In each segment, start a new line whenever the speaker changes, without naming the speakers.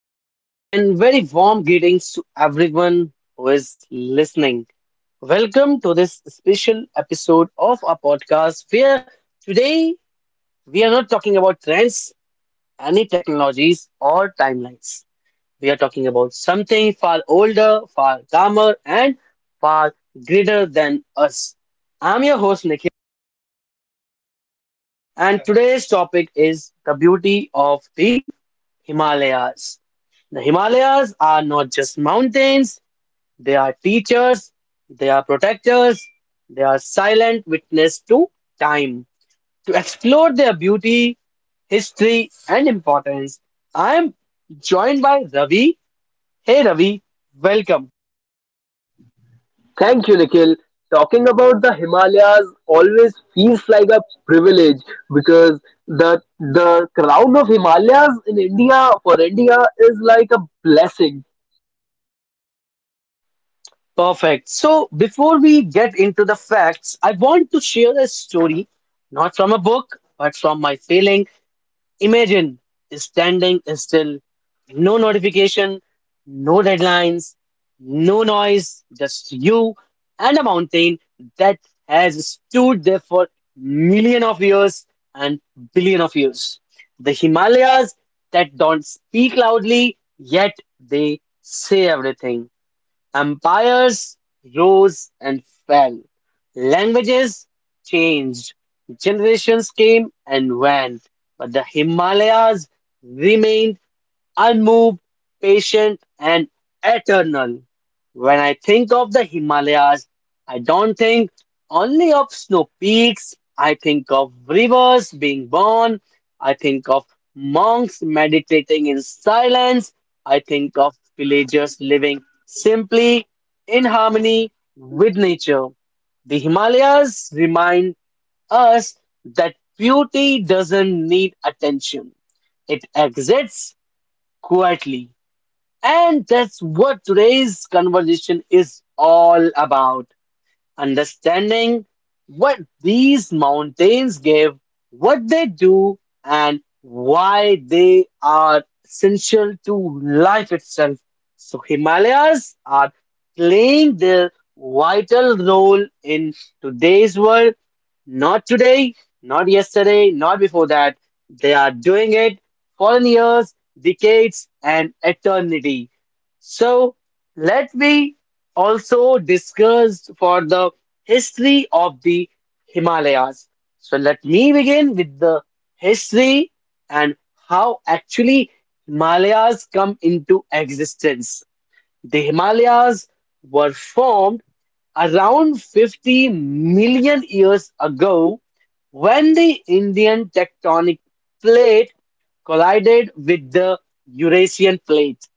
Hello and very warm greetings to everyone who is listening. Welcome to this special episode of our podcast where today we are not talking about trends, any technologies, or timelines. We are talking about something far older, far calmer, and far greater than us. I'm your host, Nikhil, and today's topic is the beauty of the Himalayas. The Himalayas are not just mountains. They are teachers, they are protectors, they are silent witness to time. To explore their beauty, history, and importance, I am joined by Ravi. Hey Ravi, welcome.
Thank you, Nikhil. Talking about the Himalayas always feels like a privilege because the the crown of Himalayas in India for India is like a blessing.
Perfect. So before we get into the facts, I want to share a story, not from a book, but from my feeling. Imagine standing still, no notification, no deadlines, no noise, just you and a mountain that has stood there for million of years and billion of years. The Himalayas that don't speak loudly, yet they say everything. Empires rose and fell. Languages changed. Generations came and went. But the Himalayas remained unmoved, patient, and eternal. When I think of the Himalayas, I don't think only of snow peaks, I think of rivers being born, I think of monks meditating in silence, I think of villagers living simply in harmony with nature. The Himalayas remind us that beauty doesn't need attention, it exists quietly. And that's what today's conversation is all about: understanding what these mountains give, what they do, and why they are essential to life itself. So, Himalayas are playing their vital role in today's world. Not today, not yesterday, not before that. They are doing it for years, decades, and eternity. So let me also discuss for the history of the Himalayas. So let me begin with the history and how actually Himalayas come into existence. The Himalayas were formed around 50 million years ago when the Indian tectonic plate collided with the Eurasian plate.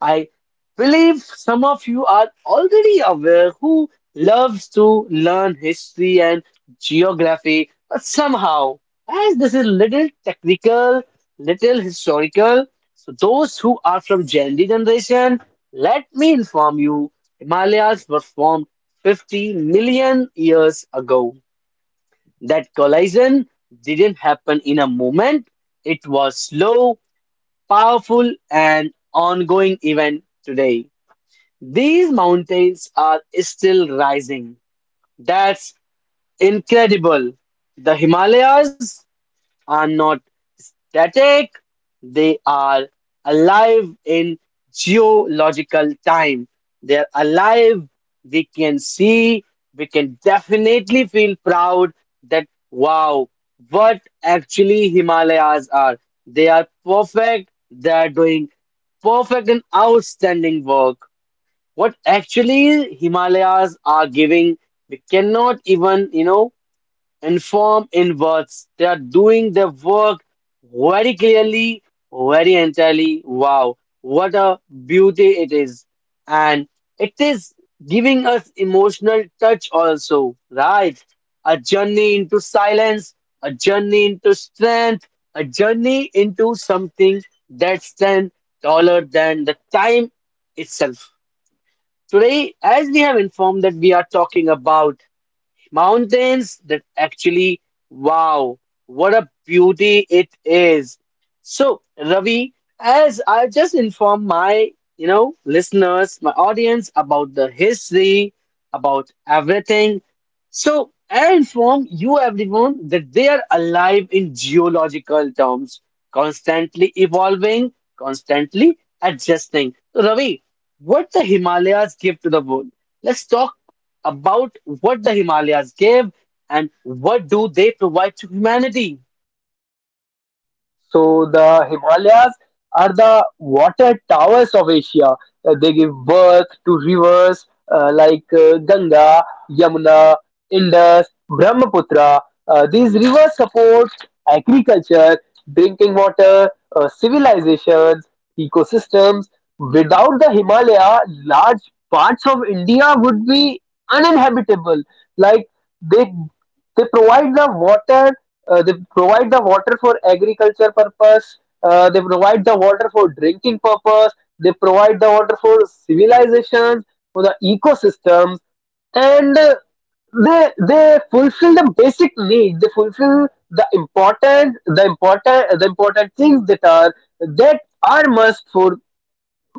I believe some of you are already aware who loves to learn history and geography, but somehow, as this is little technical, little historical, so those who are from Gen Z generation, let me inform you, Himalayas were formed 50 million years ago. That collision didn't happen in a moment. It was slow, powerful, and ongoing event today. These mountains are still rising. That's incredible. The Himalayas are not static, they are alive in geological time. They're alive, we can see, we can definitely feel proud that wow, what actually Himalayas are. They are perfect, they are doing perfect and outstanding work what actually Himalayas are giving, we cannot even, inform in words. They are doing their work very clearly, very entirely. Wow, what a beauty it is. And it is giving us emotional touch also, right? A journey into silence, a journey into strength, a journey into something that stands taller than the time itself. Today, as we have informed that we are talking about Mountains that actually, wow, what a beauty it is. So, Ravi, as I've just informed my, listeners, my audience about the history, about everything. So, I inform you everyone that they are alive in geological terms, constantly evolving, constantly adjusting. So, Ravi, what the Himalayas give to the world? Let's talk about what the Himalayas gave and what do they provide to humanity.
So the Himalayas are the water towers of Asia. They give birth to rivers like Ganga, Yamuna, Indus, Brahmaputra. These rivers support agriculture, drinking water, civilizations, ecosystems. Without the Himalaya, large parts of India would be uninhabitable. Like they they provide the water, they provide the water for agriculture purpose, they provide the water for drinking purpose, they provide the water for civilizations, for the ecosystems, and they fulfill the basic needs, they fulfill the important things that are must for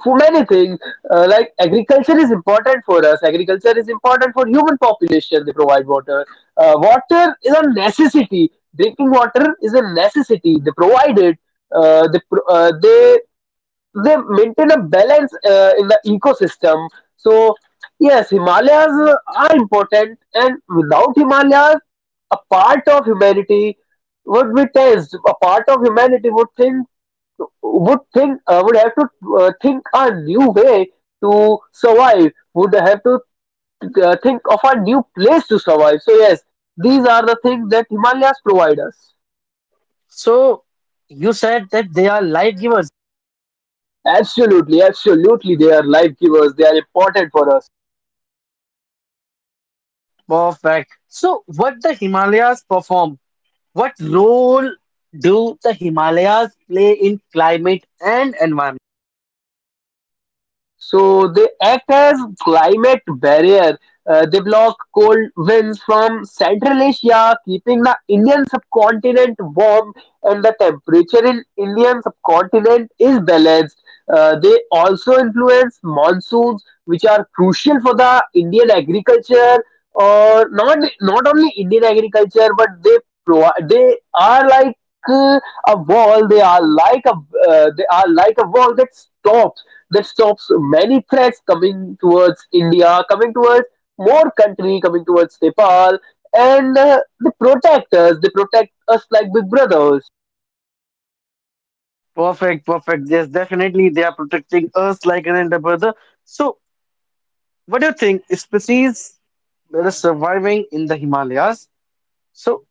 for many things. Like agriculture is important for us, agriculture is important for human population, they provide water. Water is a necessity, drinking water is a necessity, they provide it. Uh, they, pro- uh, they they maintain a balance in the ecosystem. So yes, Himalayas are important, and without Himalayas a part of humanity would be tensed, a part of humanity would think, would have to, think a new way to survive, would have to, think of a new place to survive. So yes, these are the things that Himalayas provide us.
So you said that they are life givers.
Absolutely, absolutely, they are life givers, they are important for us.
Perfect. So what the Himalayas perform? What role do the Himalayas play in climate and environment?
So they act as climate barrier. They block cold winds from Central Asia, keeping the Indian subcontinent warm, and the temperature in Indian subcontinent is balanced. They also influence monsoons, which are crucial for the Indian agriculture, or not only Indian agriculture, but they provide, they are like, uh, a wall. They are like a, they are like a wall that stops, that stops many threats coming towards India, coming towards more country, coming towards Nepal, and they protect us. They protect us like big brothers.
Perfect, perfect. Yes, definitely they are protecting us like an elder brother. So what do you think? Species that are surviving in the Himalayas. So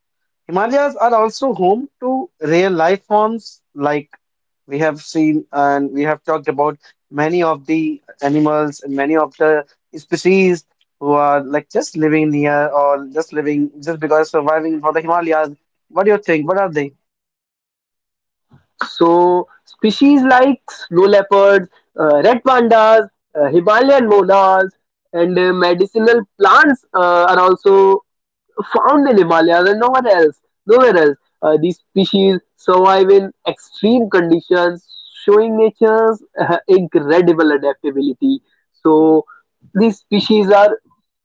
Himalayas are also home to rare life forms like we have seen and we have talked about many of the animals and many of the species who are like just living near or just living just because surviving for the Himalayas. What do you think? What are they?
So species like snow leopards, red pandas, Himalayan monas, and medicinal plants are also found in Himalayas and nowhere else. Nowhere else. These species survive in extreme conditions, showing nature's incredible adaptability. So these species are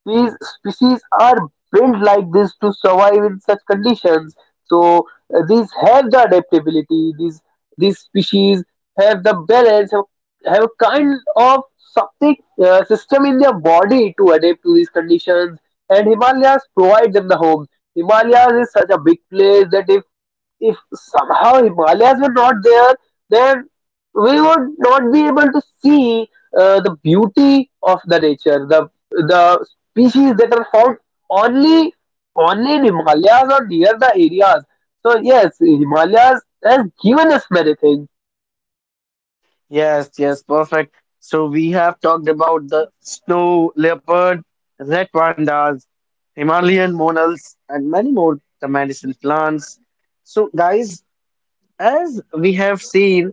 these species are built like this to survive in such conditions. So these have the adaptability. These species have the balance, have a kind of something, system in their body to adapt to these conditions, and Himalayas provide them the home. Himalayas is such a big place that, if somehow Himalayas were not there, then we would not be able to see the beauty of the nature, the species that are found only only in Himalayas or near the areas. So yes, Himalayas has given us many things.
Yes, yes, perfect. So we have talked about the snow leopard, red pandas, Himalayan monals, and many more the medicine plants. So guys, as we have seen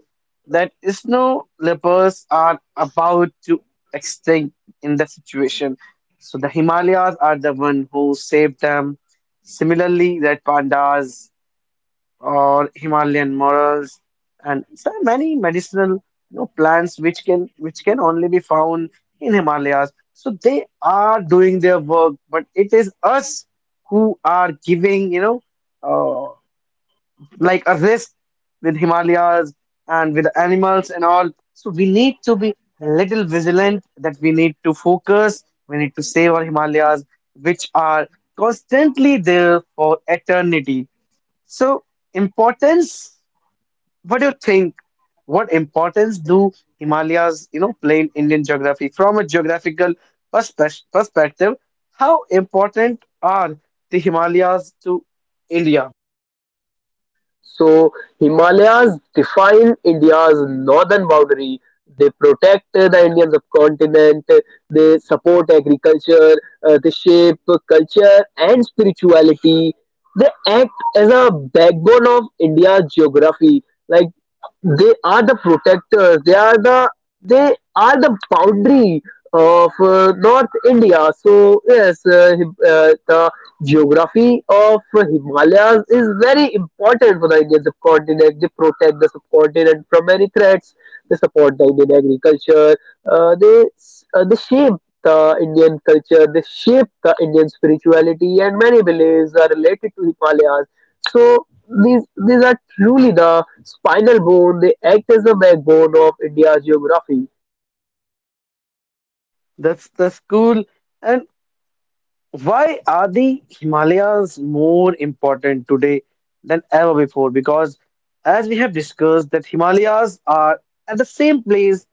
that snow leopards are about to extinct in that situation. So the Himalayas are the one who saved them. Similarly, red pandas or Himalayan morels and so many medicinal plants which can only be found in Himalayas. So they are doing their work, but it is us who are giving, uh, like a risk with Himalayas and with animals and all. So we need to be a little vigilant that we need to focus, we need to save our Himalayas, which are constantly there for eternity. So importance, what do you think? What importance do Himalayas, play in Indian geography from a geographical perspective? How important are the Himalayas to India?
So Himalayas define India's northern boundary. They protect the Indian subcontinent. They support agriculture. They shape culture and spirituality. They act as a backbone of India's geography. Like they are the protectors, they are the boundary of north India. So yes, the geography of Himalayas is very important for the Indian subcontinent. They protect the subcontinent from many threats, they support the Indian agriculture, they shape the Indian culture, they shape the Indian spirituality, and many beliefs are related to Himalayas. So these are truly the spinal bone. They act as the backbone of India's geography.
That's the school. And why are the Himalayas more important today than ever before? Because as we have discussed, that Himalayas are at the same place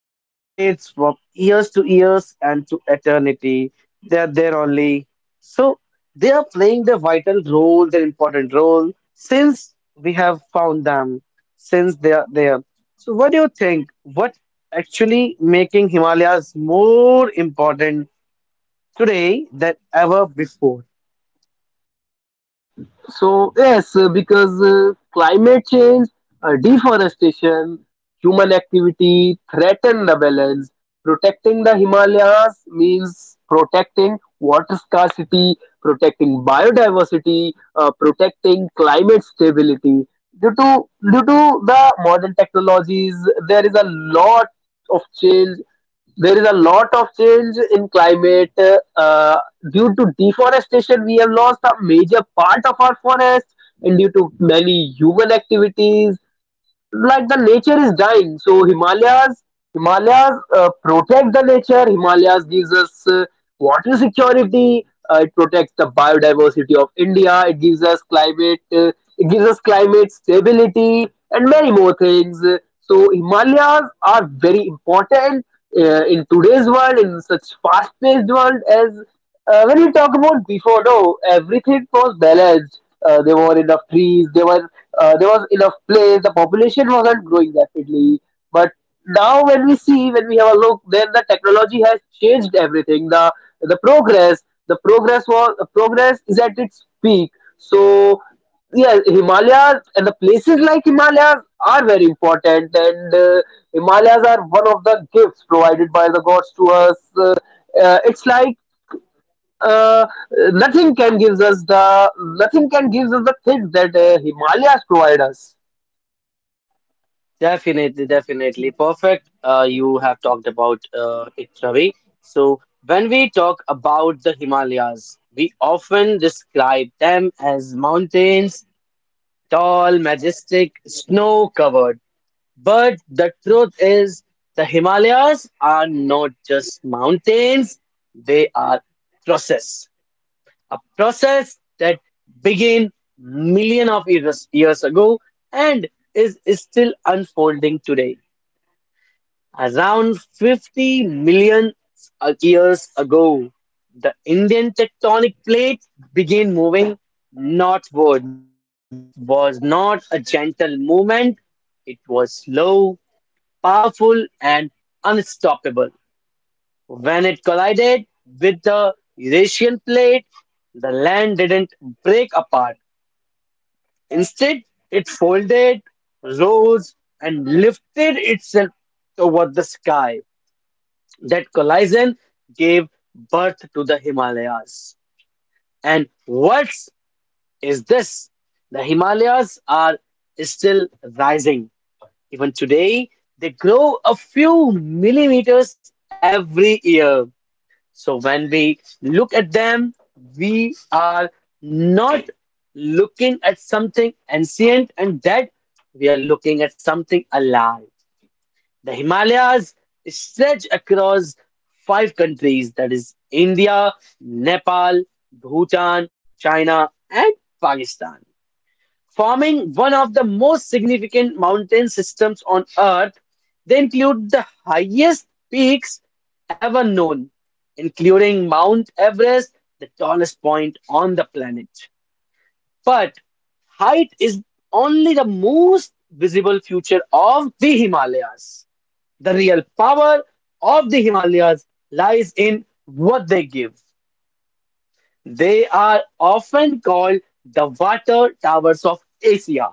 from decades, from years to years, and to eternity. They are there only. So they are playing their vital role, their important role, since we have found them, since they are there. So what do you think? What actually making Himalayas more important today than ever before.
So yes, because climate change, deforestation, human activity threaten the balance. Protecting the Himalayas means protecting water scarcity, protecting biodiversity, protecting climate stability. Due to due to the modern technologies, there is a lot of change, there is a lot of change in climate. Uh, due to deforestation we have lost a major part of our forest, and due to many human activities, like, the nature is dying. So Himalayas protect the nature. Himalayas gives us, water security, it protects the biodiversity of India, it gives us climate, it gives us climate stability and many more things. So Himalayas are very important in today's world, in such fast paced world. As When you talk about before, no, everything was balanced. There were enough trees. There was enough place. The population wasn't growing rapidly. But now, when we see, when we have a look, then the technology has changed everything. The progress, the progress is at its peak. So yeah, Himalayas and the places like Himalayas are very important, and Himalayas are one of the gifts provided by the gods to us. It's like, uh, nothing can gives us the, nothing can gives us the things that Himalayas provide us.
Definitely, definitely. Perfect. You have talked about it, Ravi. So, when we talk about the Himalayas, we often describe them as mountains, tall, majestic, snow covered. But the truth is, the Himalayas are not just mountains, they are process. A process that began millions of years ago and is still unfolding today. Around 50 million years ago, the Indian tectonic plate began moving northward. It was not a gentle movement, it was slow, powerful, and unstoppable. When it collided with the Eurasian plate, the land didn't break apart. Instead, it folded, rose, and lifted itself toward the sky. That collision gave birth to the Himalayas. And worse is this: the Himalayas are still rising. Even today, they grow a few millimeters every year. So when we look at them, we are not looking at something ancient and dead, we are looking at something alive. The Himalayas stretch across five countries, that is, India, Nepal, Bhutan, China, and Pakistan, forming one of the most significant mountain systems on Earth. They include the highest peaks ever known, including Mount Everest, the tallest point on the planet. But height is only the most visible feature of the Himalayas. The real power of the Himalayas lies in what they give. They are often called the water towers of Asia.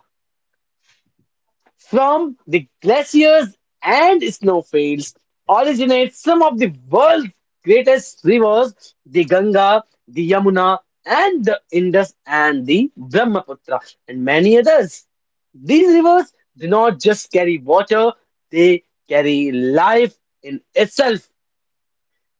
From the glaciers and snowfields originate some of the world's greatest rivers, the Ganga, the Yamuna, and the Indus and the Brahmaputra, and many others. These rivers do not just carry water, they carry life in itself.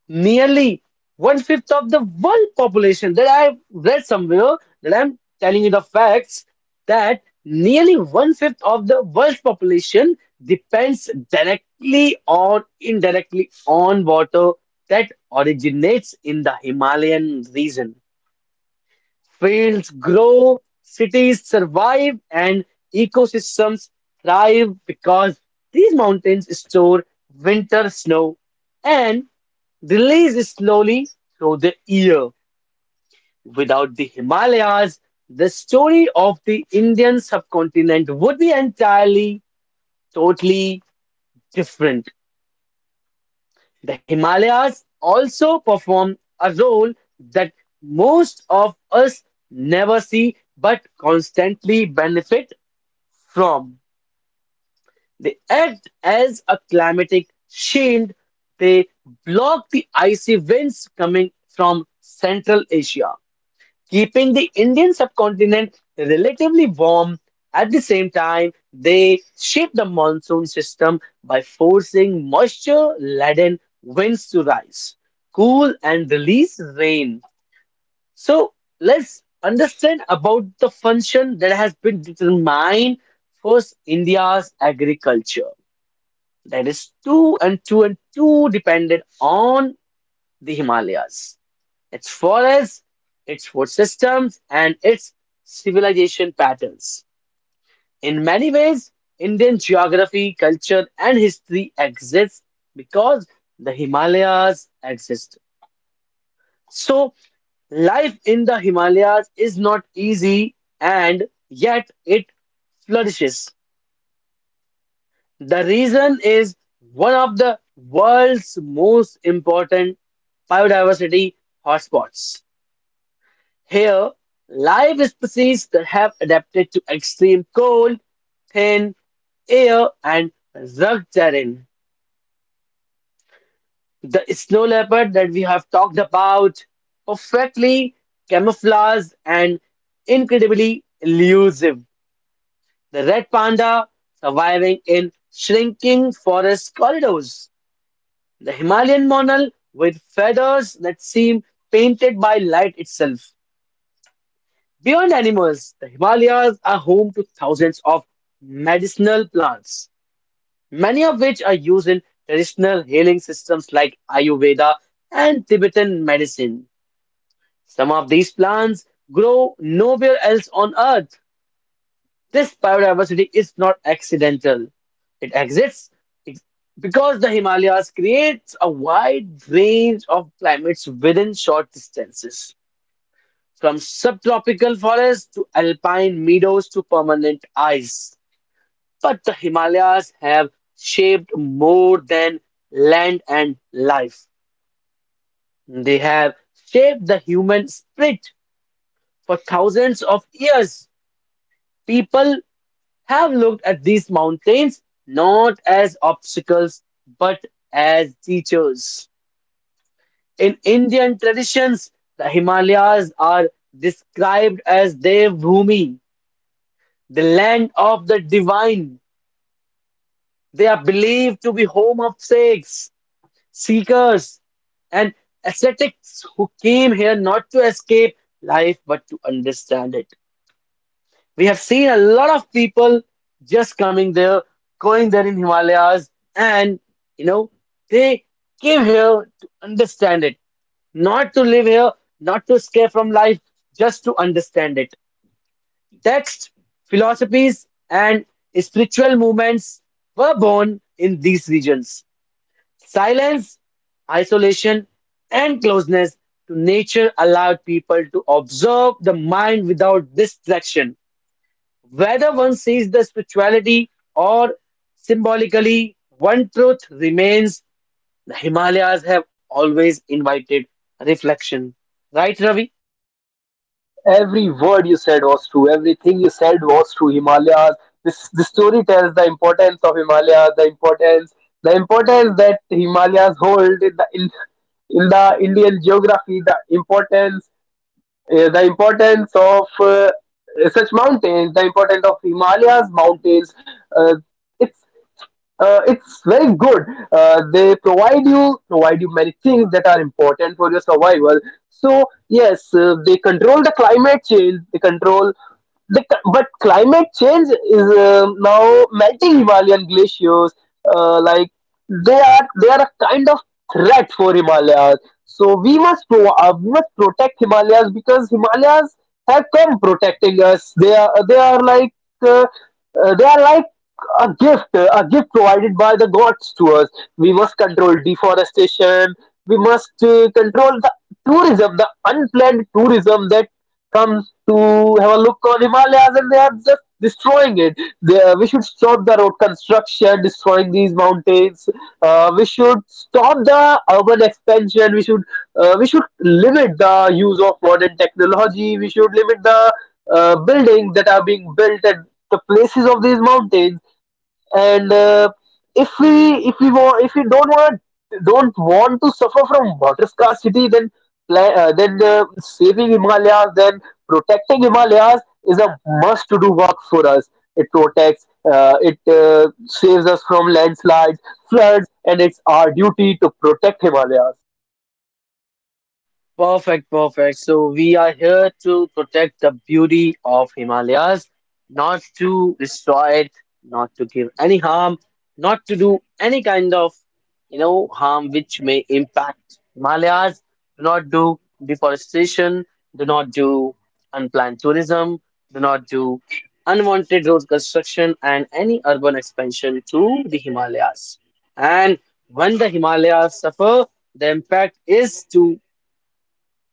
Nearly one fifth of the world population, that I've read somewhere, that I'm telling you the facts, that nearly one fifth of the world's population depends directly or indirectly on water that originates in the Himalayan region. Fields grow, cities survive, and ecosystems thrive because these mountains store winter snow and released slowly through the year. Without the Himalayas, the story of the Indian subcontinent would be entirely, totally different. The Himalayas also perform a role that most of us never see but constantly benefit from. They act as a climatic shield. They block the icy winds coming from Central Asia, keeping the Indian subcontinent relatively warm. At the same time, they shape the monsoon system by forcing moisture laden winds to rise, cool, and release rain. So, let's understand about the function that has been determined for India's agriculture. That is two and two and two dependent on the Himalayas, its forests, its food systems, and its civilization patterns. In many ways, Indian geography, culture, and history exist because the Himalayas exist. So, life in the Himalayas is not easy, and yet it flourishes. The reason is one of the world's most important biodiversity hotspots. Here, live species that have adapted to extreme cold, thin air, and rugged terrain. The snow leopard that we have talked about, perfectly camouflaged and incredibly elusive. The red panda surviving in shrinking forest corridors. The Himalayan monal with feathers that seem painted by light itself. Beyond animals, the Himalayas are home to thousands of medicinal plants, many of which are used in traditional healing systems like Ayurveda and Tibetan medicine. Some of these plants grow nowhere else on earth. This biodiversity is not accidental. It exists ex- because the Himalayas creates a wide range of climates within short distances. From subtropical forests to alpine meadows to permanent ice. But the Himalayas have shaped more than land and life. They have shaped the human spirit for thousands of years. People have looked at these mountains not as obstacles but as teachers. In Indian traditions, the Himalayas are described as Dev Bhumi, the land of the divine. They are believed to be home of sakes, seekers, and ascetics who came here not to escape life but to understand it. We have seen a lot of people just coming there, going there in Himalayas, and you know, they came here to understand it, not to live here, not to escape from life, just to understand it. Texts, philosophies, and spiritual movements were born in these regions. Silence, isolation, and closeness to nature allowed people to observe the mind without distraction. Whether one sees the spirituality or symbolically, one truth remains the Himalayas have always invited reflection. Right, Ravi?
Every word you said was true. Everything you said was true. Himalayas. This the story tells the importance of Himalayas, the importance that Himalayas hold in the Indian geography, the importance of such mountains, the importance of Himalayas mountains. Uh, it's it's very good. They provide you Provide you many things that are important for your survival. So yes, they control the climate change. They control the c- but climate change is now melting Himalayan glaciers. Like they are a kind of threat for Himalayas. So we must protect Himalayas because Himalayas have come protecting us. They are like, uh, uh, they are like a gift provided by the gods to us. We must control deforestation. We must control the tourism, the unplanned tourism that comes to have a look on Himalayas and they are just destroying it. We should stop the road construction, destroying these mountains. We should stop the urban expansion. We should, we should limit the use of modern technology. We should limit the, buildings that are being built at the places of these mountains, and if we want, if we don't want to suffer from water scarcity, then, saving Himalayas, then protecting Himalayas is a must to do work for us. It protects, it saves us from landslides, floods, and it's our duty to protect Himalayas.
Perfect, perfect. So we are here to protect the beauty of Himalayas, not to destroy it, not to give any harm, not to do any harm which may impact Himalayas. Do not do deforestation, do not do unplanned tourism, do not do unwanted road construction and any urban expansion to the Himalayas. And when the Himalayas suffer, the impact is to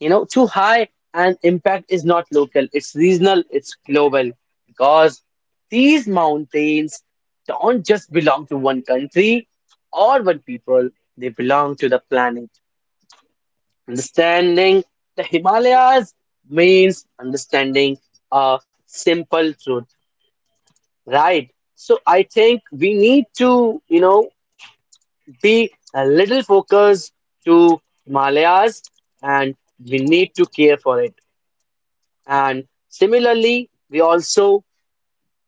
you know, too high and impact is not local, it's regional, it's global. Because these mountains don't just belong to one country or one people, they belong to the planet. Understanding the Himalayas means understanding a simple truth, right? So I think we need to, be a little focused to Himalayas and we need to care for it. And similarly, we also,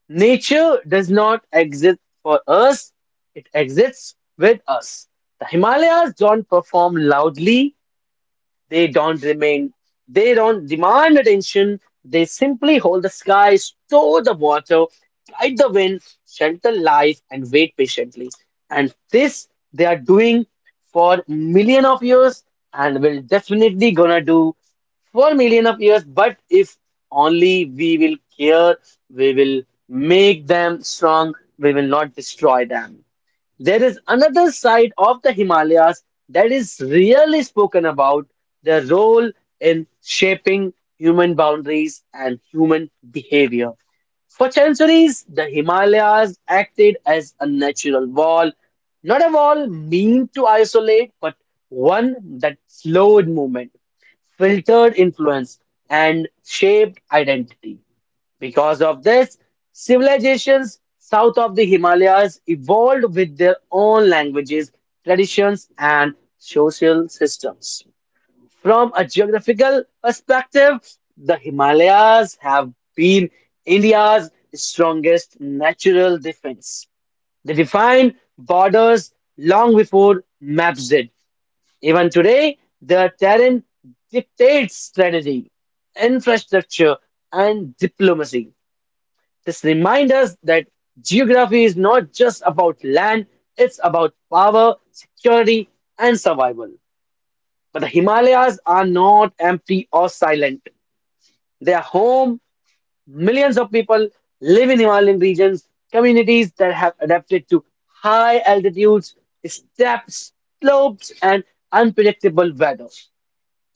nature does not exist for us, it exists with us. The Himalayas don't perform loudly, they don't remain, they don't demand attention. They simply hold the sky, store the water, guide the wind, shelter life, and wait patiently. And this they are doing for million of years and will definitely gonna do for million of years. But if only we will care, we will make them strong, we will not destroy them. There is another side of the Himalayas that is really spoken about the role in shaping human boundaries and human behavior. For centuries, the Himalayas acted as a natural wall, not a wall meant to isolate, but one that slowed movement, filtered influence, and shaped identity. Because of this, civilizations south of the Himalayas evolved with their own languages, traditions, and social systems. From a geographical perspective, the Himalayas have been India's strongest natural defense. They defined borders long before maps did. Even today, their terrain dictates strategy, infrastructure, and diplomacy. This reminds us that geography is not just about land, it's about power, security, and survival. But the Himalayas are not empty or silent. They are home. Millions of people live in Himalayan regions, communities that have adapted to high altitudes, steps, slopes, and unpredictable weather.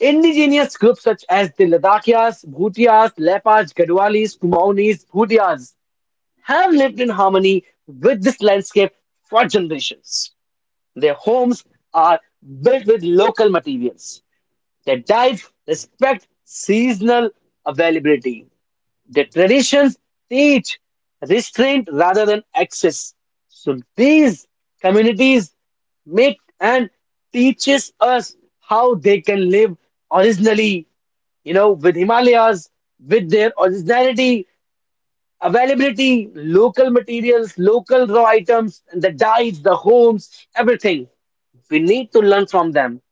Indigenous groups such as the Ladakhis, Bhutias, Lepas, Gadwalis, Kumaunis, Bhutias have lived in harmony with this landscape for generations. Their homes are built with local materials. Their diets respect seasonal availability. Their traditions teach restraint rather than excess. So these communities make and teaches us how they can live originally, with Himalayas, with their originality availability, local materials, local raw items, the dyes, the homes, everything. We need to learn from them.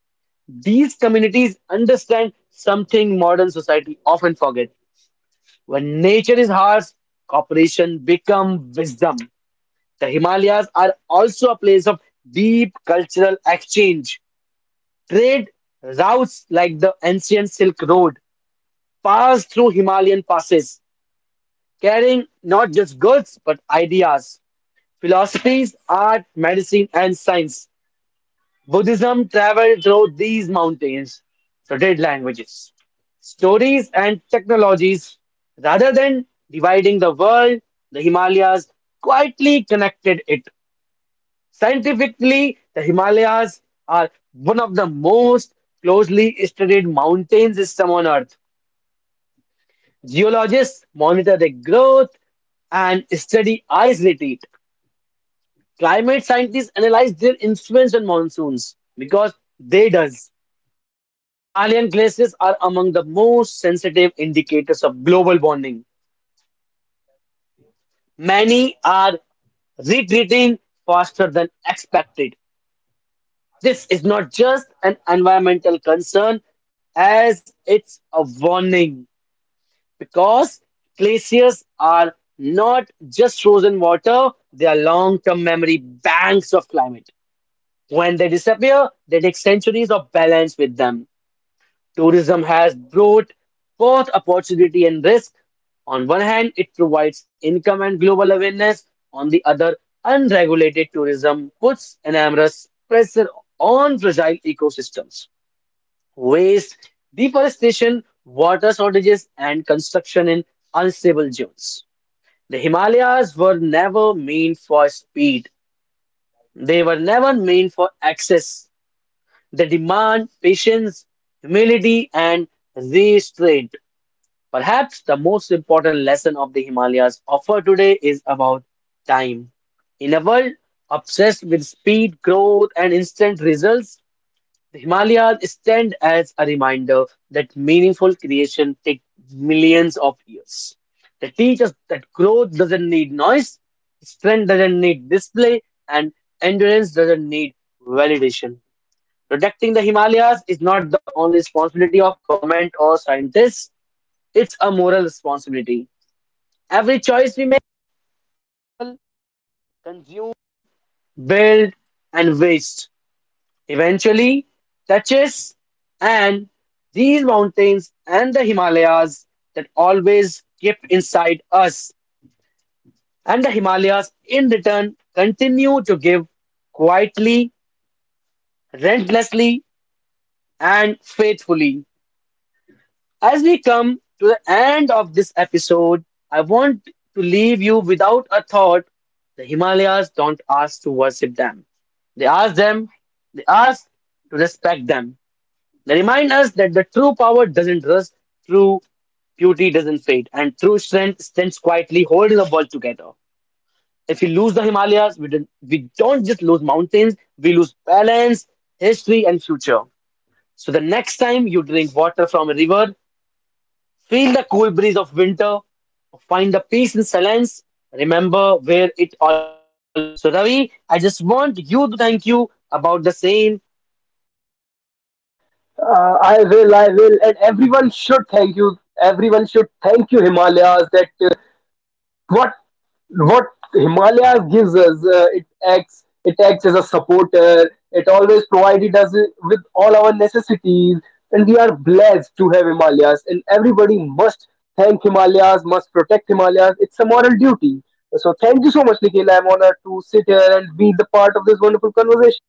These communities understand something modern society often forget. When nature is harsh, cooperation become wisdom. The Himalayas are also a place of deep cultural exchange. Trade routes like the ancient Silk Road pass through Himalayan passes, carrying not just goods but ideas. Philosophies, art, medicine, and science. Buddhism traveled through these mountains, so did languages, stories, and technologies. Rather than dividing the world, the Himalayas quietly connected it. Scientifically, the Himalayas are one of the most closely studied mountain system on Earth. Geologists monitor their growth and study ice retreat. Climate scientists analyze their influence on monsoons because they does. The Himalayan glaciers are among the most sensitive indicators of global warming. Many are retreating faster than expected. This is not just an environmental concern, as it's a warning because glaciers are not just frozen water, they are long term memory banks of climate. When they disappear, they take centuries of balance with them. Tourism has brought both opportunity and risk. On one hand, it provides income and global awareness. On the other, unregulated tourism puts enormous pressure on fragile ecosystems. Waste, deforestation, water shortages, and construction in unstable zones. The Himalayas were never meant for speed. They were never meant for access. They demand patience, humility, and restraint. Perhaps the most important lesson of the Himalayas offer today is about time. In a world obsessed with speed, growth, and instant results, the Himalayas stand as a reminder that meaningful creation takes millions of years. They teach us that growth doesn't need noise, strength doesn't need display, and endurance doesn't need validation. Protecting the Himalayas is not the only responsibility of government or scientists, it's a moral responsibility. Every choice.
I will, and everyone should thank you. Everyone should thank you, Himalayas. That, what what Himalayas gives us, it acts as a supporter. It always provided us with all our necessities, and we are blessed to have Himalayas. And everybody must thank Himalayas, must protect Himalayas. It's a moral duty. So thank you so much, Nikhil. I'm honored to sit here and be the part of this wonderful conversation.